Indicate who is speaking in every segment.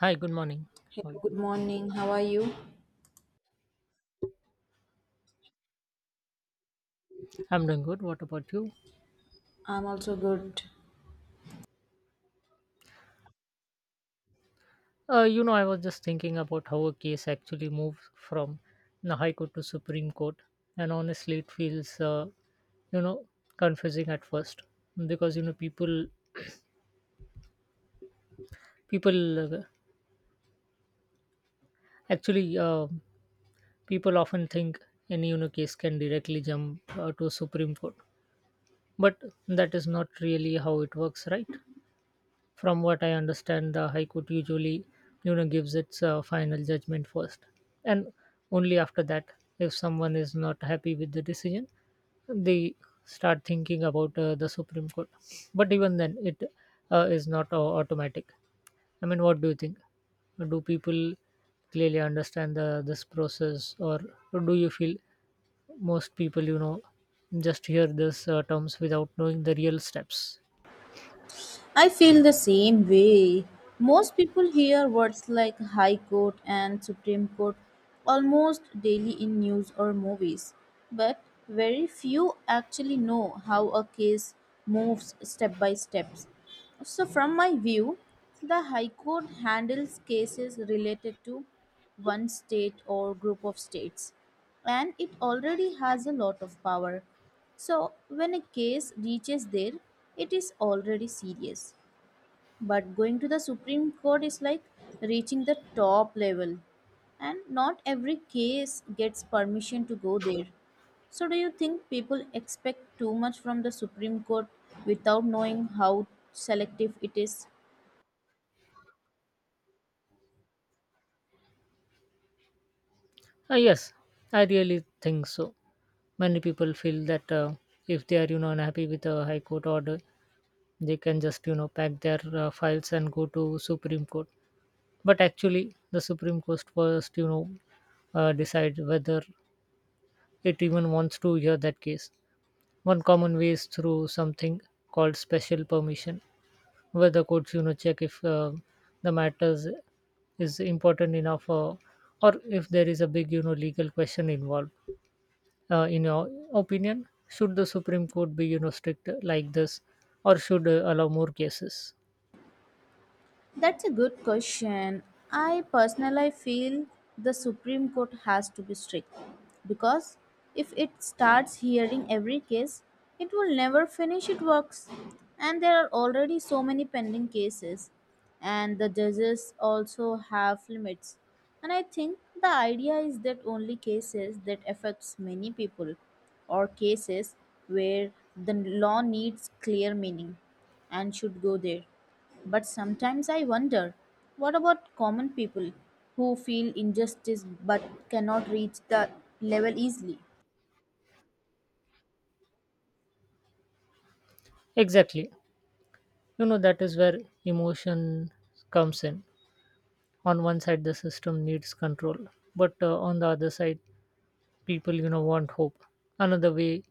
Speaker 1: Hi, good morning. How are
Speaker 2: Hello,
Speaker 1: you?
Speaker 2: good morning. How are you?
Speaker 1: I'm doing good. What about you?
Speaker 2: I'm also good.
Speaker 1: I was just thinking about how a case actually moved from the High Court to Supreme Court, and honestly, it feels, you know, confusing at first because people uh, actually uh, people often think any case can directly jump to Supreme Court, but that is not really how it works, right? From what I understand, the High Court usually, gives its final judgment first, and only after that, if someone is not happy with the decision, they start thinking about the Supreme Court. But even then, it is not automatic. I mean, what do you think? Do people clearly understand the this process, or do you feel most people, just hear this terms without knowing the real steps?
Speaker 2: I feel the same way. Most people hear words like High Court and Supreme Court almost daily in news or movies, but very few actually know how a case moves step by step. So, from my view, the High Court handles cases related to one state or group of states, and it already has a lot of power. So, when a case reaches there, it is already serious. But going to the Supreme Court is like reaching the top level, and not every case gets permission to go there. So, do you think people expect too much from the Supreme Court without knowing how selective it is?
Speaker 1: Yes, I really think so. Many people feel that if they are unhappy with a high court order, they can just pack their files and go to Supreme Court, but actually the Supreme Court first decide whether it even wants to hear that case. One common way is through something called special permission, where the courts check if the matters is important enough, or if there is a big legal question involved. In your opinion, should the Supreme Court be strict like this, or should allow more cases?
Speaker 2: That's a good question. I personally feel the Supreme Court has to be strict because if it starts hearing every case, it will never finish its works. And there are already so many pending cases, and the judges also have limits. And I think the idea is that only cases that affects many people or cases where the law needs clear meaning and should go there, but sometimes I wonder, what about common people who feel injustice but cannot reach the level easily?
Speaker 1: Exactly. That is where emotion comes in. On one side, the system needs control, but on the other side, people want hope. Another way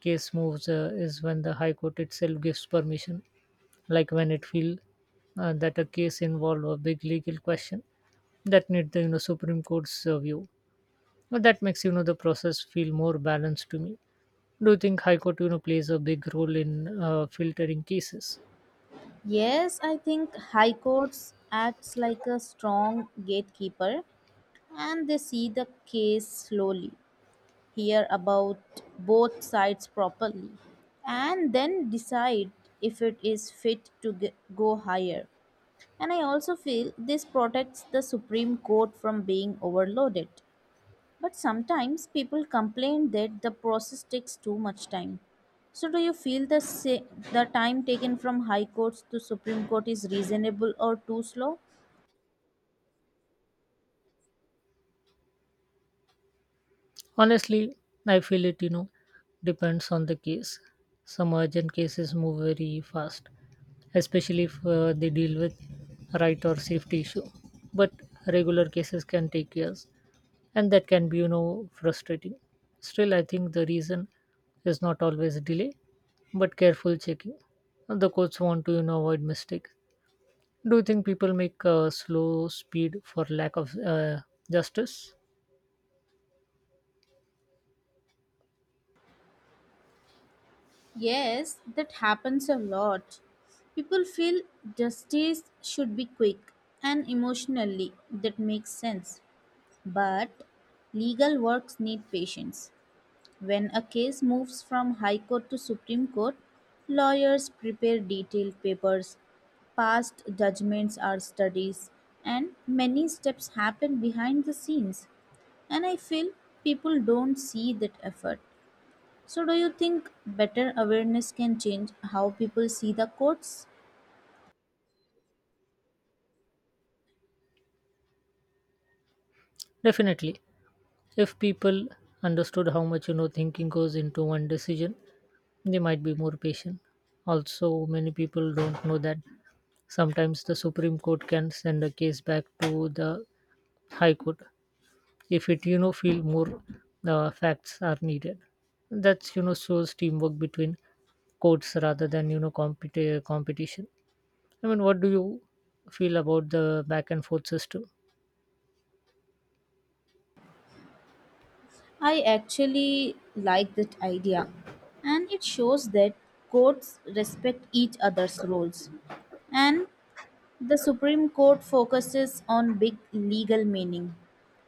Speaker 1: case moves is when the High Court itself gives permission, like when it feel that a case involve a big legal question that need the Supreme Court's view. But that makes the process feel more balanced to me. Do you think High Court plays a big role in filtering cases?
Speaker 2: Yes, I think high courts acts like a strong gatekeeper and they see the case slowly, hear about both sides properly and then decide if it is fit to go higher. And I also feel this protects the Supreme Court from being overloaded. But sometimes people complain that the process takes too much time. So do you feel the the time taken from high courts to supreme court is reasonable or too slow?
Speaker 1: Honestly, I feel it depends on the case. Some urgent cases move very fast, especially if they deal with right or safety issue. But regular cases can take years, and that can be frustrating. Still, I think the reason is not always delay, but careful checking. The courts want to avoid mistake. Do you think people make slow speed for lack of justice?
Speaker 2: Yes, that happens a lot. People feel justice should be quick, and emotionally, that makes sense. But legal works need patience. When a case moves from High Court to Supreme Court, lawyers prepare detailed papers, past judgments are studies, and many steps happen behind the scenes. And I feel people don't see that effort. So, do you think better awareness can change how people see the courts?
Speaker 1: Definitely. If people understood how much thinking goes into one decision, they might be more patient. Also, many people don't know that sometimes the Supreme Court can send a case back to the high court if it feel more facts are needed. That's shows teamwork between courts rather than competition. I mean, what do you feel about the back and forth system?
Speaker 2: I actually like that idea, and it shows that courts respect each other's roles. And the Supreme Court focuses on big legal meaning,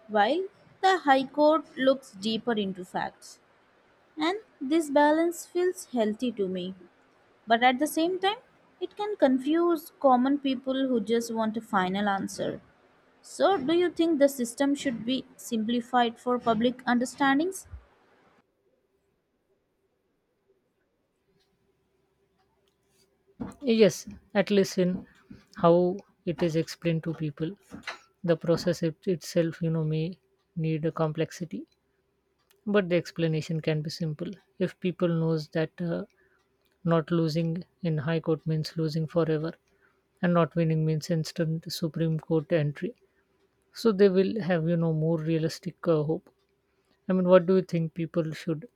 Speaker 2: while the High Court looks deeper into facts. And this balance feels healthy to me. But at the same time, it can confuse common people who just want a final answer. So, do you think the system should be simplified for public understandings?
Speaker 1: Yes, at least in how it is explained to people. The process itself, may need a complexity, but the explanation can be simple. If people knows that not losing in high court means losing forever, and not winning means instant Supreme Court entry, so they will have, more realistic hope. I mean, what do you think people should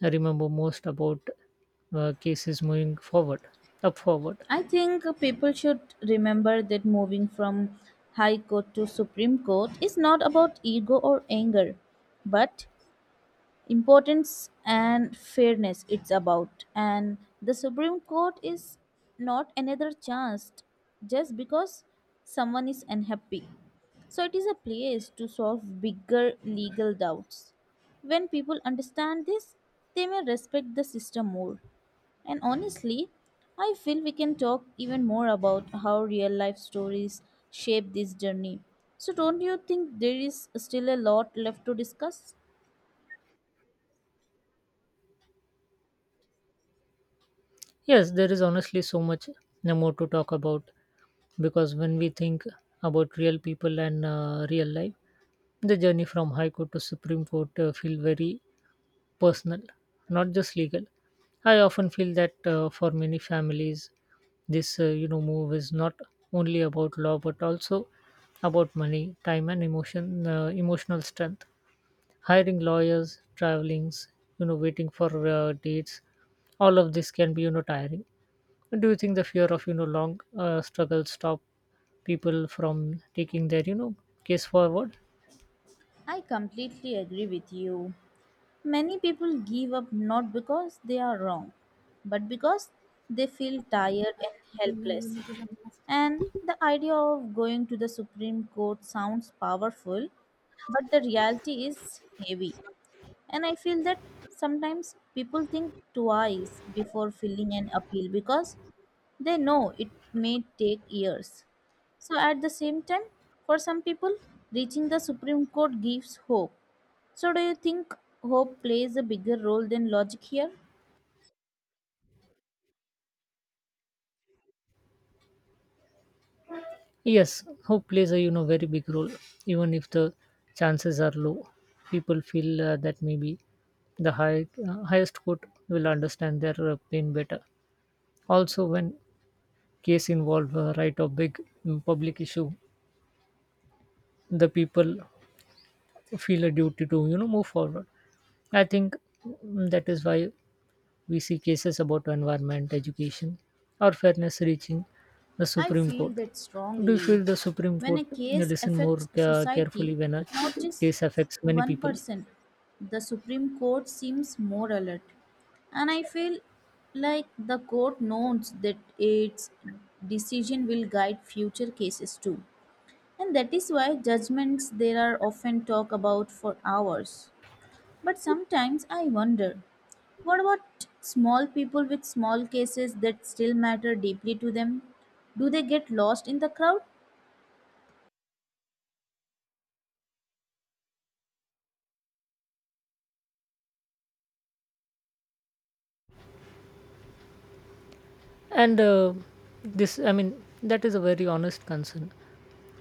Speaker 1: remember most about cases moving forward, up forward?
Speaker 2: I think people should remember that moving from High Court to Supreme Court is not about ego or anger, but importance and fairness it's about, and the Supreme Court is not another chance just because someone is unhappy, so it is a place to solve bigger legal doubts. When people understand this, they may respect the system more, and honestly, I feel we can talk even more about how real life stories shape this journey. So don't you think there is still a lot left to discuss?
Speaker 1: Yes, there is honestly so much more to talk about because when we think about real people and real life, the journey from High Court to Supreme Court feel very personal, not just legal. I often feel that for many families, this move is not only about law but also about money, time, and emotion, emotional strength. Hiring lawyers, travelings, waiting for dates, all of this can be tiring. Do you think the fear of long struggle stop people from taking their case forward?
Speaker 2: I completely agree with you. Many people give up not because they are wrong, but because they feel tired and helpless. And the idea of going to the Supreme Court sounds powerful, but the reality is heavy. And I feel that sometimes people think twice before filing an appeal because they know it may take years. So, at the same time, for some people, reaching the Supreme Court gives hope. So, do you think hope plays a bigger role than logic here?
Speaker 1: Yes, hope plays a very big role. Even if the chances are low, people feel that maybe the highest court will understand their pain better. Also, when case involve right or big public issue, the people feel a duty to move forward. I think that is why we see cases about environment, education, or fairness reaching the
Speaker 2: I
Speaker 1: Supreme
Speaker 2: feel
Speaker 1: Court.
Speaker 2: that
Speaker 1: Do you feel
Speaker 2: strongly.
Speaker 1: the Supreme
Speaker 2: When
Speaker 1: Court
Speaker 2: a case
Speaker 1: listen more
Speaker 2: affects
Speaker 1: carefully
Speaker 2: society,
Speaker 1: when a
Speaker 2: not just
Speaker 1: case affects many
Speaker 2: one
Speaker 1: people?
Speaker 2: person, the Supreme Court seems more alert. And I feel like the court knows that its decision will guide future cases too. And that is why judgments there are often talked about for hours. But sometimes I wonder, what about small people with small cases that still matter deeply to them? Do they get lost in the crowd?
Speaker 1: And uh, I mean, that is a very honest concern.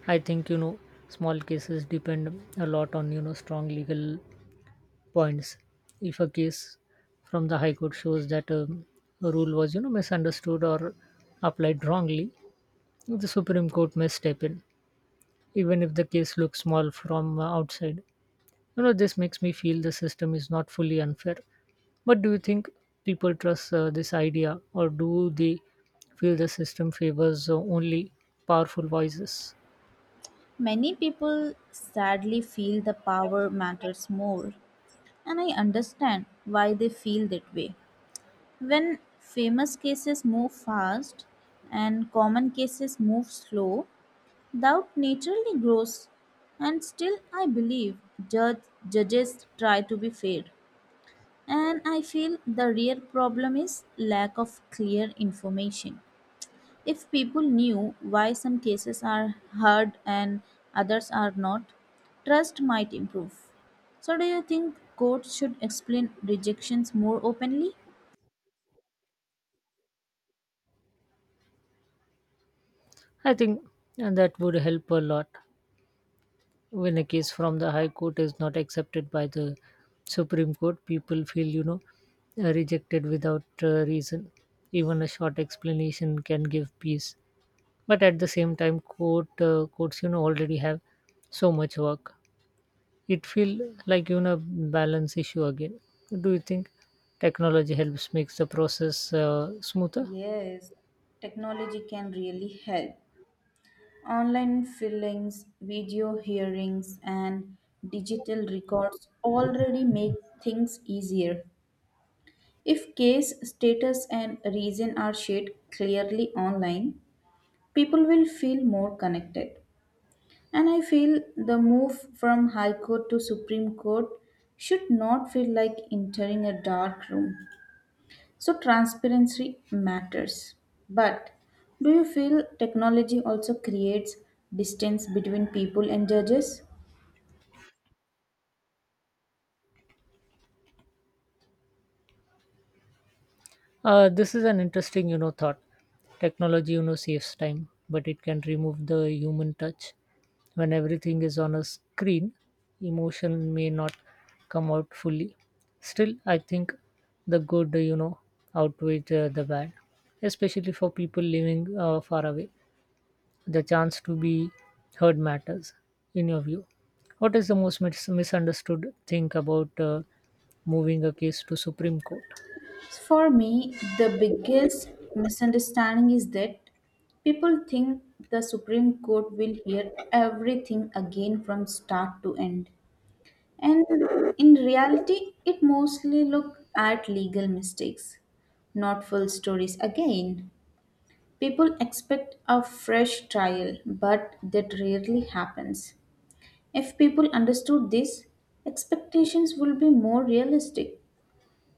Speaker 1: I think small cases depend a lot on strong legal points. If a case from the High Court shows that a rule was misunderstood or applied wrongly, the Supreme Court may step in, even if the case looks small from outside. This makes me feel the system is not fully unfair. But do you think people trust this idea, or do they feel the system favors only powerful voices?
Speaker 2: Many people sadly feel the power matters more, and I understand why they feel that way. When famous cases move fast and common cases move slow, doubt naturally grows, and still, I believe, judge, judges try to be fair. And I feel the real problem is lack of clear information. If people knew why some cases are heard and others are not, trust might improve. So, do you think courts should explain rejections more openly?
Speaker 1: I think, and that would help a lot. When a case from the High Court is not accepted by the Supreme Court, people feel, rejected without reason. Even a short explanation can give peace. But at the same time courts already have so much work. It feel like balance issue again. Do you think technology helps makes the process smoother?
Speaker 2: Yes, technology can really help. Online filings, video hearings, and digital records already make things easier. If case status and reason are shared clearly online, people will feel more connected. And I feel the move from High Court to Supreme Court should not feel like entering a dark room. So transparency matters. But do you feel technology also creates distance between people and judges?
Speaker 1: This is an interesting, thought. Technology, saves time, but it can remove the human touch. When everything is on a screen, emotion may not come out fully. Still, I think the good, outweighs the bad, especially for people living far away. The chance to be heard matters, in your view. What is the most misunderstood thing about moving a case to Supreme Court?
Speaker 2: For me, the biggest misunderstanding is that people think the Supreme Court will hear everything again from start to end. And in reality, it mostly look at legal mistakes, not full stories again. People expect a fresh trial, but that rarely happens. If people understood this, expectations will be more realistic.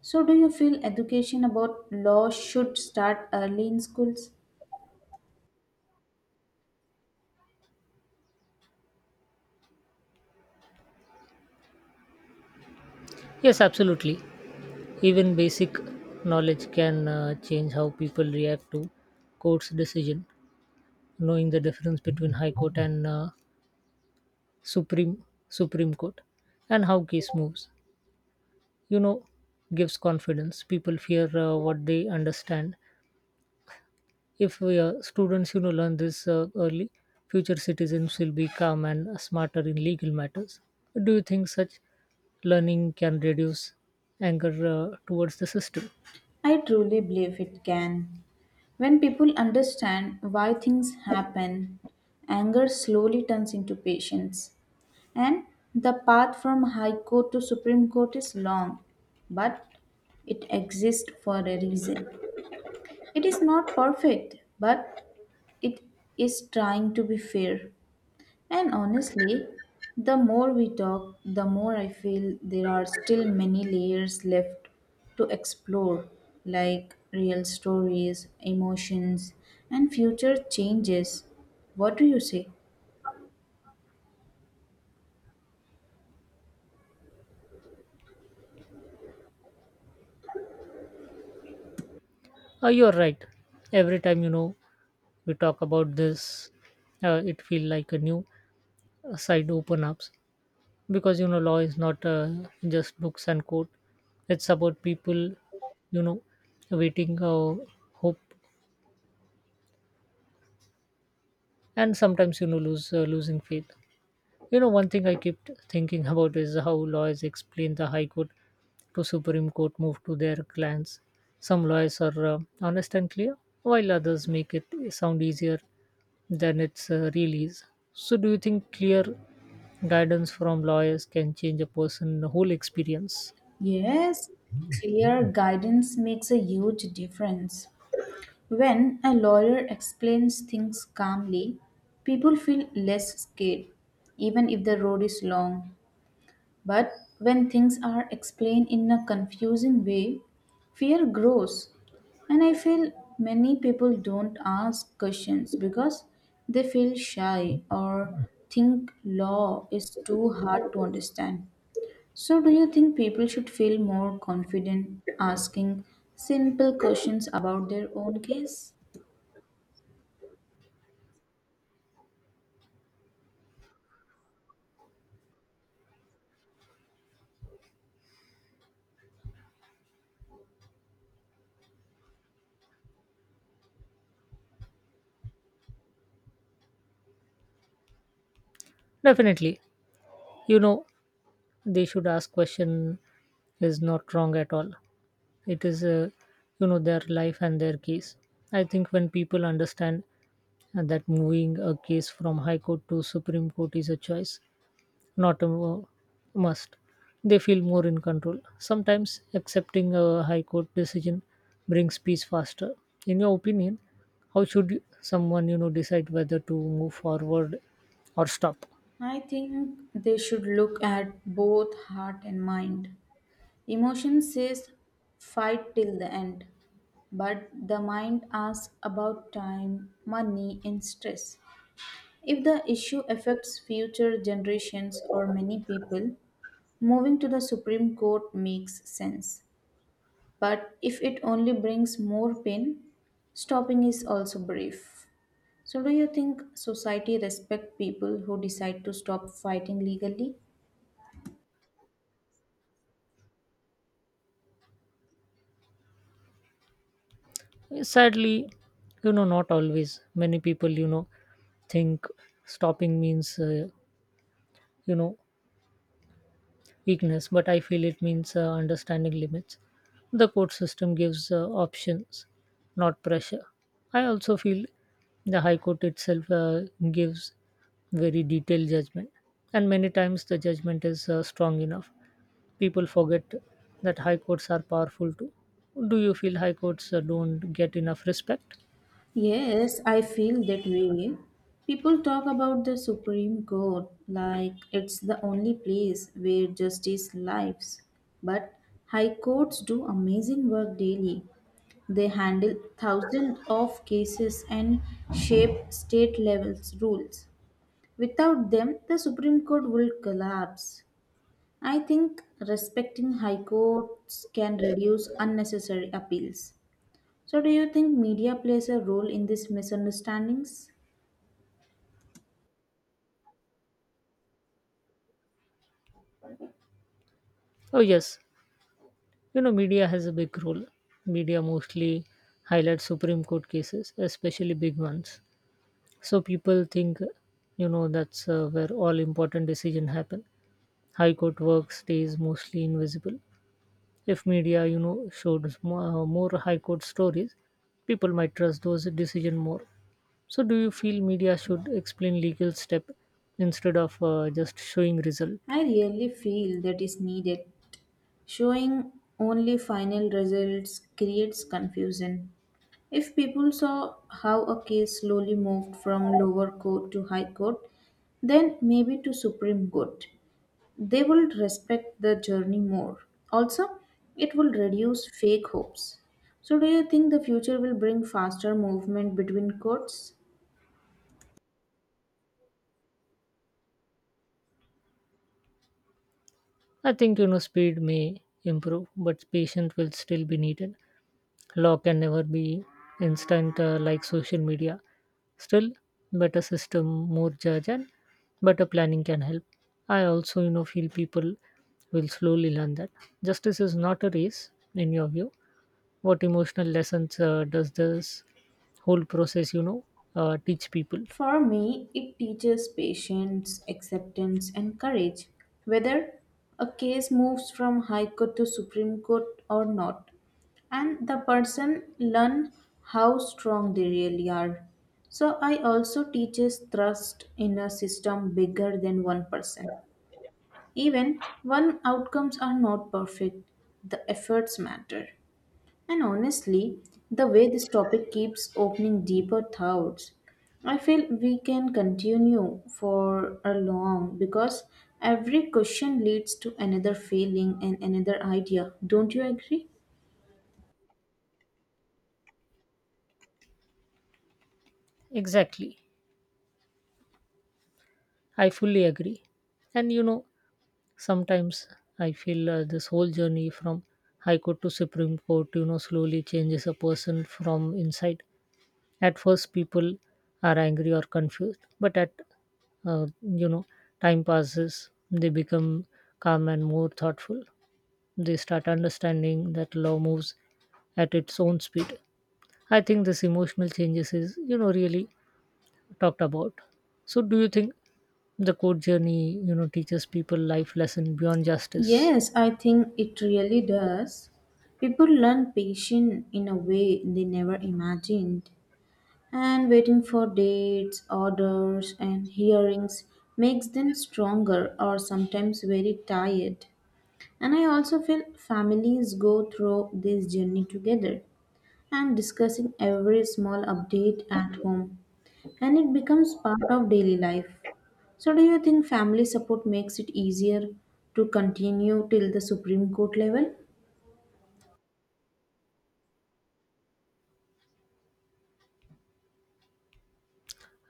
Speaker 2: So, do you feel education about law should start early in schools?
Speaker 1: Yes, absolutely. Even basic knowledge can change how people react to court's decision. Knowing the difference between High Court and Supreme Court and how case moves, you know, gives confidence. People fear what they understand. If we, students, learn this early, future citizens will be calm and smarter in legal matters. Do you think such learning can reduce anger towards the system?
Speaker 2: I truly believe it can. When people understand why things happen, anger slowly turns into patience. And the path from High Court to Supreme Court is long, but it exists for a reason. It is not perfect, but it is trying to be fair. And honestly, the more we talk, the more I feel there are still many layers left to explore, like real stories, emotions, and future changes. What do you say?
Speaker 1: You're right. Every time we talk about this, it feel like a new side open ups because law is not just books and code. It's about people, you know waiting, hope, and sometimes lose losing faith. One thing I kept thinking about is how lawyers explain the high court to Supreme Court move to their clients. Some lawyers are honest and clear, while others make it sound easier than it's really is. So, do you think clear guidance from lawyers can change a person whole experience?
Speaker 2: Yes, clear guidance makes a huge difference. When a lawyer explains things calmly, people feel less scared, even if the road is long. But when things are explained in a confusing way, fear grows. And I feel many people don't ask questions because they feel shy or think law is too hard to understand. So, do you think people should feel more confident asking simple questions about their own case?
Speaker 1: Definitely. You know they should ask question is not wrong at all. It is their life and their case. I think when people understand that moving a case from high court to supreme court is a choice, not a must. They feel more in control. Sometimes accepting a high court decision brings peace faster. In your opinion, how should someone decide whether to move forward or stop?
Speaker 2: I think they should look at both heart and mind. Emotion says fight till the end, but the mind asks about time, money, and stress. If the issue affects future generations or many people, moving to the Supreme Court makes sense. But if it only brings more pain, stopping is also brief. So, do you think society respect people who decide to stop fighting legally?
Speaker 1: Sadly, not always. Many people think stopping means you know weakness, but I feel it means understanding limits. The court system gives options, not pressure. I also feel the High Court itself gives very detailed judgment, and many times the judgment is strong enough. People forget that High Courts are powerful too. Do you feel High Courts don't get enough respect?
Speaker 2: Yes, I feel that way. People talk about the Supreme Court like it's the only place where justice lives. But high courts do amazing work daily. They handle thousands of cases and shape state levels rules. Without them, the Supreme Court will collapse. I think respecting high courts can reduce unnecessary appeals. So, do you think media plays a role in these misunderstandings?
Speaker 1: Oh, yes. Media has a big role. Media mostly highlights Supreme Court cases, especially big ones. So people think, that's where all important decision happen. High court work stays mostly invisible. If media, showed more, more high court stories, people might trust those decision more. So do you feel media should explain legal step instead of just showing result?
Speaker 2: I really feel that is needed. Showing only final results creates confusion. If people saw how a case slowly moved from lower court to high court, then maybe to Supreme Court, they will respect the journey more. Also, it will reduce fake hopes. So, do you think the future will bring faster movement between courts?
Speaker 1: I think speed may improve, but patience will still be needed. Law can never be instant like social media. Still, better system, more judge, and better planning can help. I also, feel people will slowly learn that justice is not a race. In your view, what emotional lessons does this whole process, teach people?
Speaker 2: For me, it teaches patience, acceptance, and courage, whether a case moves from High Court to Supreme Court or not. And the person learn how strong they really are. So I also teaches trust in a system bigger than one person. Even when outcomes are not perfect, the efforts matter. And honestly, the way this topic keeps opening deeper thoughts, I feel we can continue for a long because every question leads to another feeling and another idea. Don't you agree?
Speaker 1: Exactly, I fully agree. And sometimes I feel this whole journey from High Court to Supreme Court, slowly changes a person from inside. At first, people are angry or confused, but at uh, you know, time passes, they become calm and more thoughtful. They start understanding that law moves at its own speed. I think this emotional changes is really talked about. So, do you think the court journey teaches people life lesson beyond justice?
Speaker 2: Yes, I think it really does. People learn patience in a way they never imagined. And waiting for dates, orders, and hearings makes them stronger or sometimes very tired. And I also feel families go through this journey together and discussing every small update at home. And it becomes part of daily life. So, do you think family support makes it easier to continue till the Supreme Court level?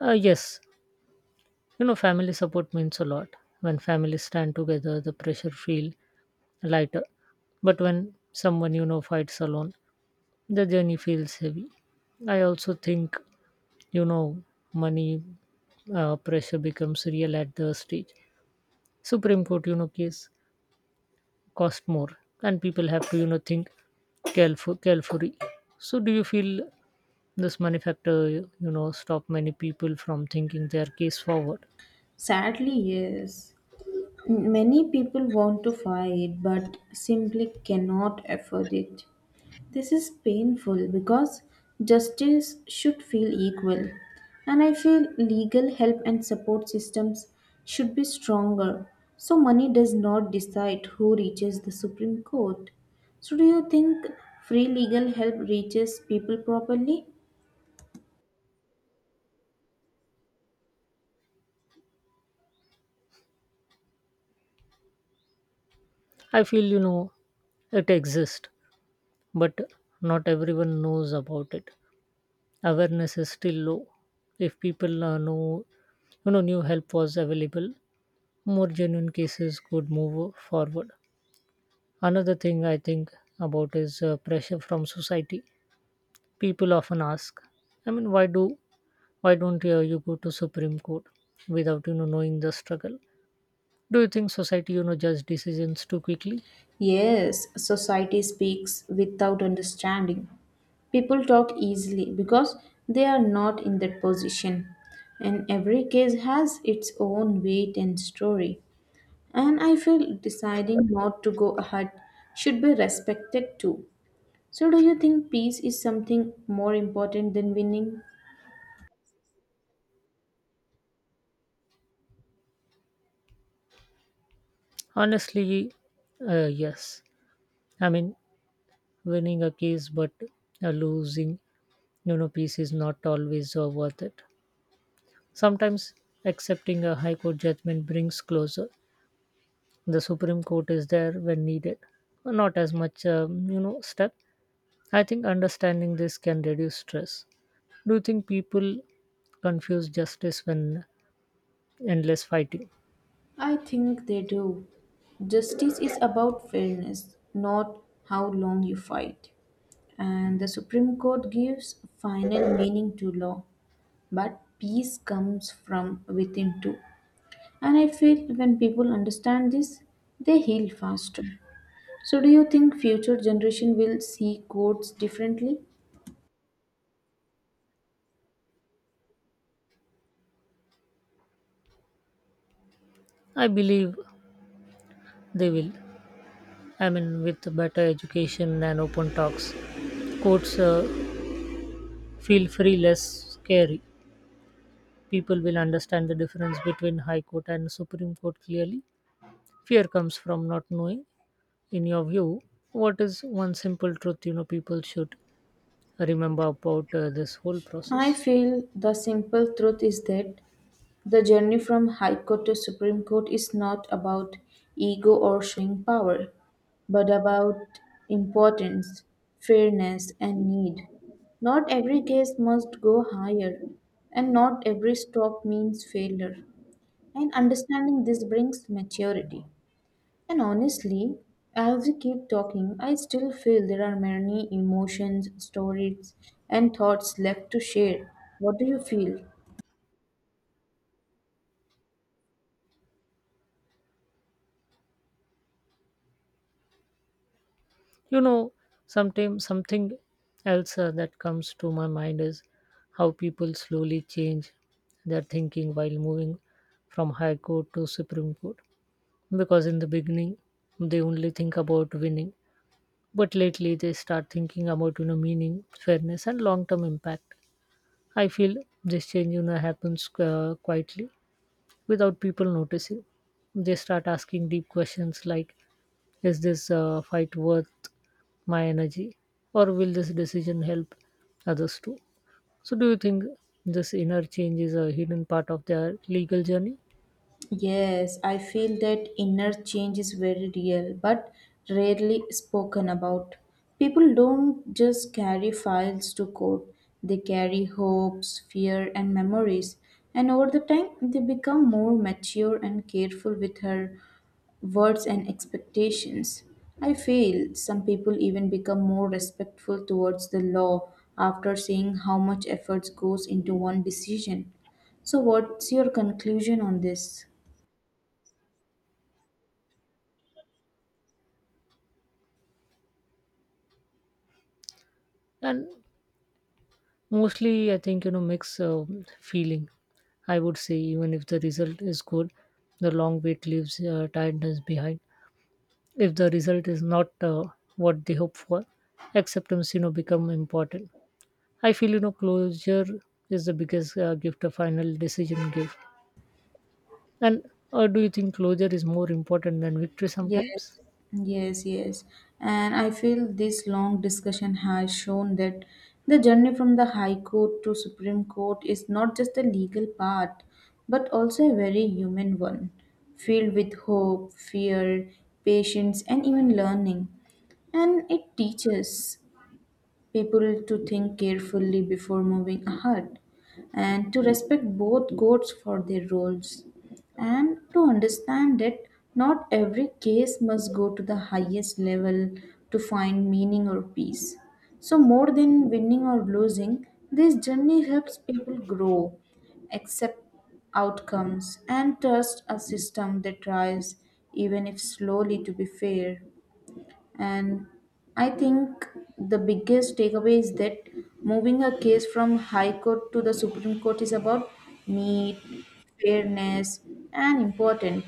Speaker 1: Yes, family support means a lot. When families stand together, the pressure feel lighter. But when someone fights alone, the journey feels heavy. I also think you know money pressure becomes real at the stage. Supreme Court case cost more, and people have to think carefully. So, do you feel this money factor stop many people from thinking their case forward?
Speaker 2: Sadly, yes. Many people want to fight but simply cannot afford it. This is painful because justice should feel equal, and I feel legal help and support systems should be stronger. So, money does not decide who reaches the Supreme Court. So, do you think free legal help reaches people properly?
Speaker 1: I feel it exists, but not everyone knows about it. Awareness is still low. If people know, new help was available, more genuine cases could move forward. Another thing I think about is pressure from society. People often ask, I mean, why don't you go to Supreme Court without knowing the struggle? Do you think society judge decisions too quickly?
Speaker 2: Yes, society speaks without understanding. People talk easily because they are not in that position, and every case has its own weight and story. And I feel deciding not to go ahead should be respected too. So, do you think peace is something more important than winning?
Speaker 1: Honestly, yes. I mean, winning a case but losing peace is not always worth it. Sometimes accepting a high court judgment brings closure. The Supreme Court is there when needed, not as much step. I think understanding this can reduce stress. Do you think people confuse justice when endless fighting?
Speaker 2: I think they do. Justice is about fairness, not how long you fight. And the Supreme Court gives final meaning to law, but peace comes from within too. And I feel when people understand this, they heal faster. So, do you think future generation will see courts differently?
Speaker 1: I believe they will. I mean, with better education and open talks, courts feel free less scary. People will understand the difference between high court and Supreme Court clearly. Fear comes from not knowing. In your view, what is one simple truth people should remember about this whole process?
Speaker 2: I feel the simple truth is that the journey from High Court to Supreme Court is not about ego or showing power, but about importance, fairness, and need. Not every case must go higher, and not every stop means failure. And understanding this brings maturity. And honestly, as we keep talking, I still feel there are many emotions, stories, and thoughts left to share. What do you feel?
Speaker 1: You know sometimes something else that comes to my mind is how people slowly change their thinking while moving from high court to supreme court, because in the beginning they only think about winning. But lately, they start thinking about meaning, fairness, and long-term impact. I feel this change happens quietly without people noticing. They start asking deep questions like, "Is this fight worth my energy, or will this decision help others too?" So, do you think this inner change is a hidden part of their legal journey?
Speaker 2: Yes, I feel that inner change is very real but rarely spoken about. People don't just carry files to court, they carry hopes, fear, and memories. And over the time, they become more mature and careful with her words and expectations. I feel some people even become more respectful towards the law after seeing how much effort goes into one decision. So, what's your conclusion on this?
Speaker 1: And mostly, I think, mix feeling. I would say, even if the result is good, the long wait leaves tiredness behind. If the result is not what they hope for, acceptance, become important. I feel, closure is the biggest gift a final decision give. And do you think closure is more important than victory sometimes?
Speaker 2: Yes, yes, yes. And I feel this long discussion has shown that the journey from the High Court to Supreme Court is not just a legal part, but also a very human one, filled with hope, fear, patience, and even learning. And it teaches people to think carefully before moving ahead and to respect both goats for their roles and to understand that not every case must go to the highest level to find meaning or peace. So, more than winning or losing, this journey helps people grow, accept outcomes, and trust a system that tries, even if slowly, to be fair. And I think the biggest takeaway is that moving a case from High Court to the Supreme Court is about need, fairness, and important,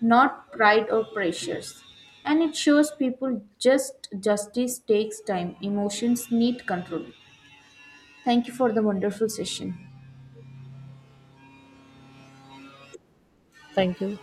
Speaker 2: not pride or pressures. And it shows people just justice takes time, emotions need control. Thank you for the wonderful session.
Speaker 1: Thank you.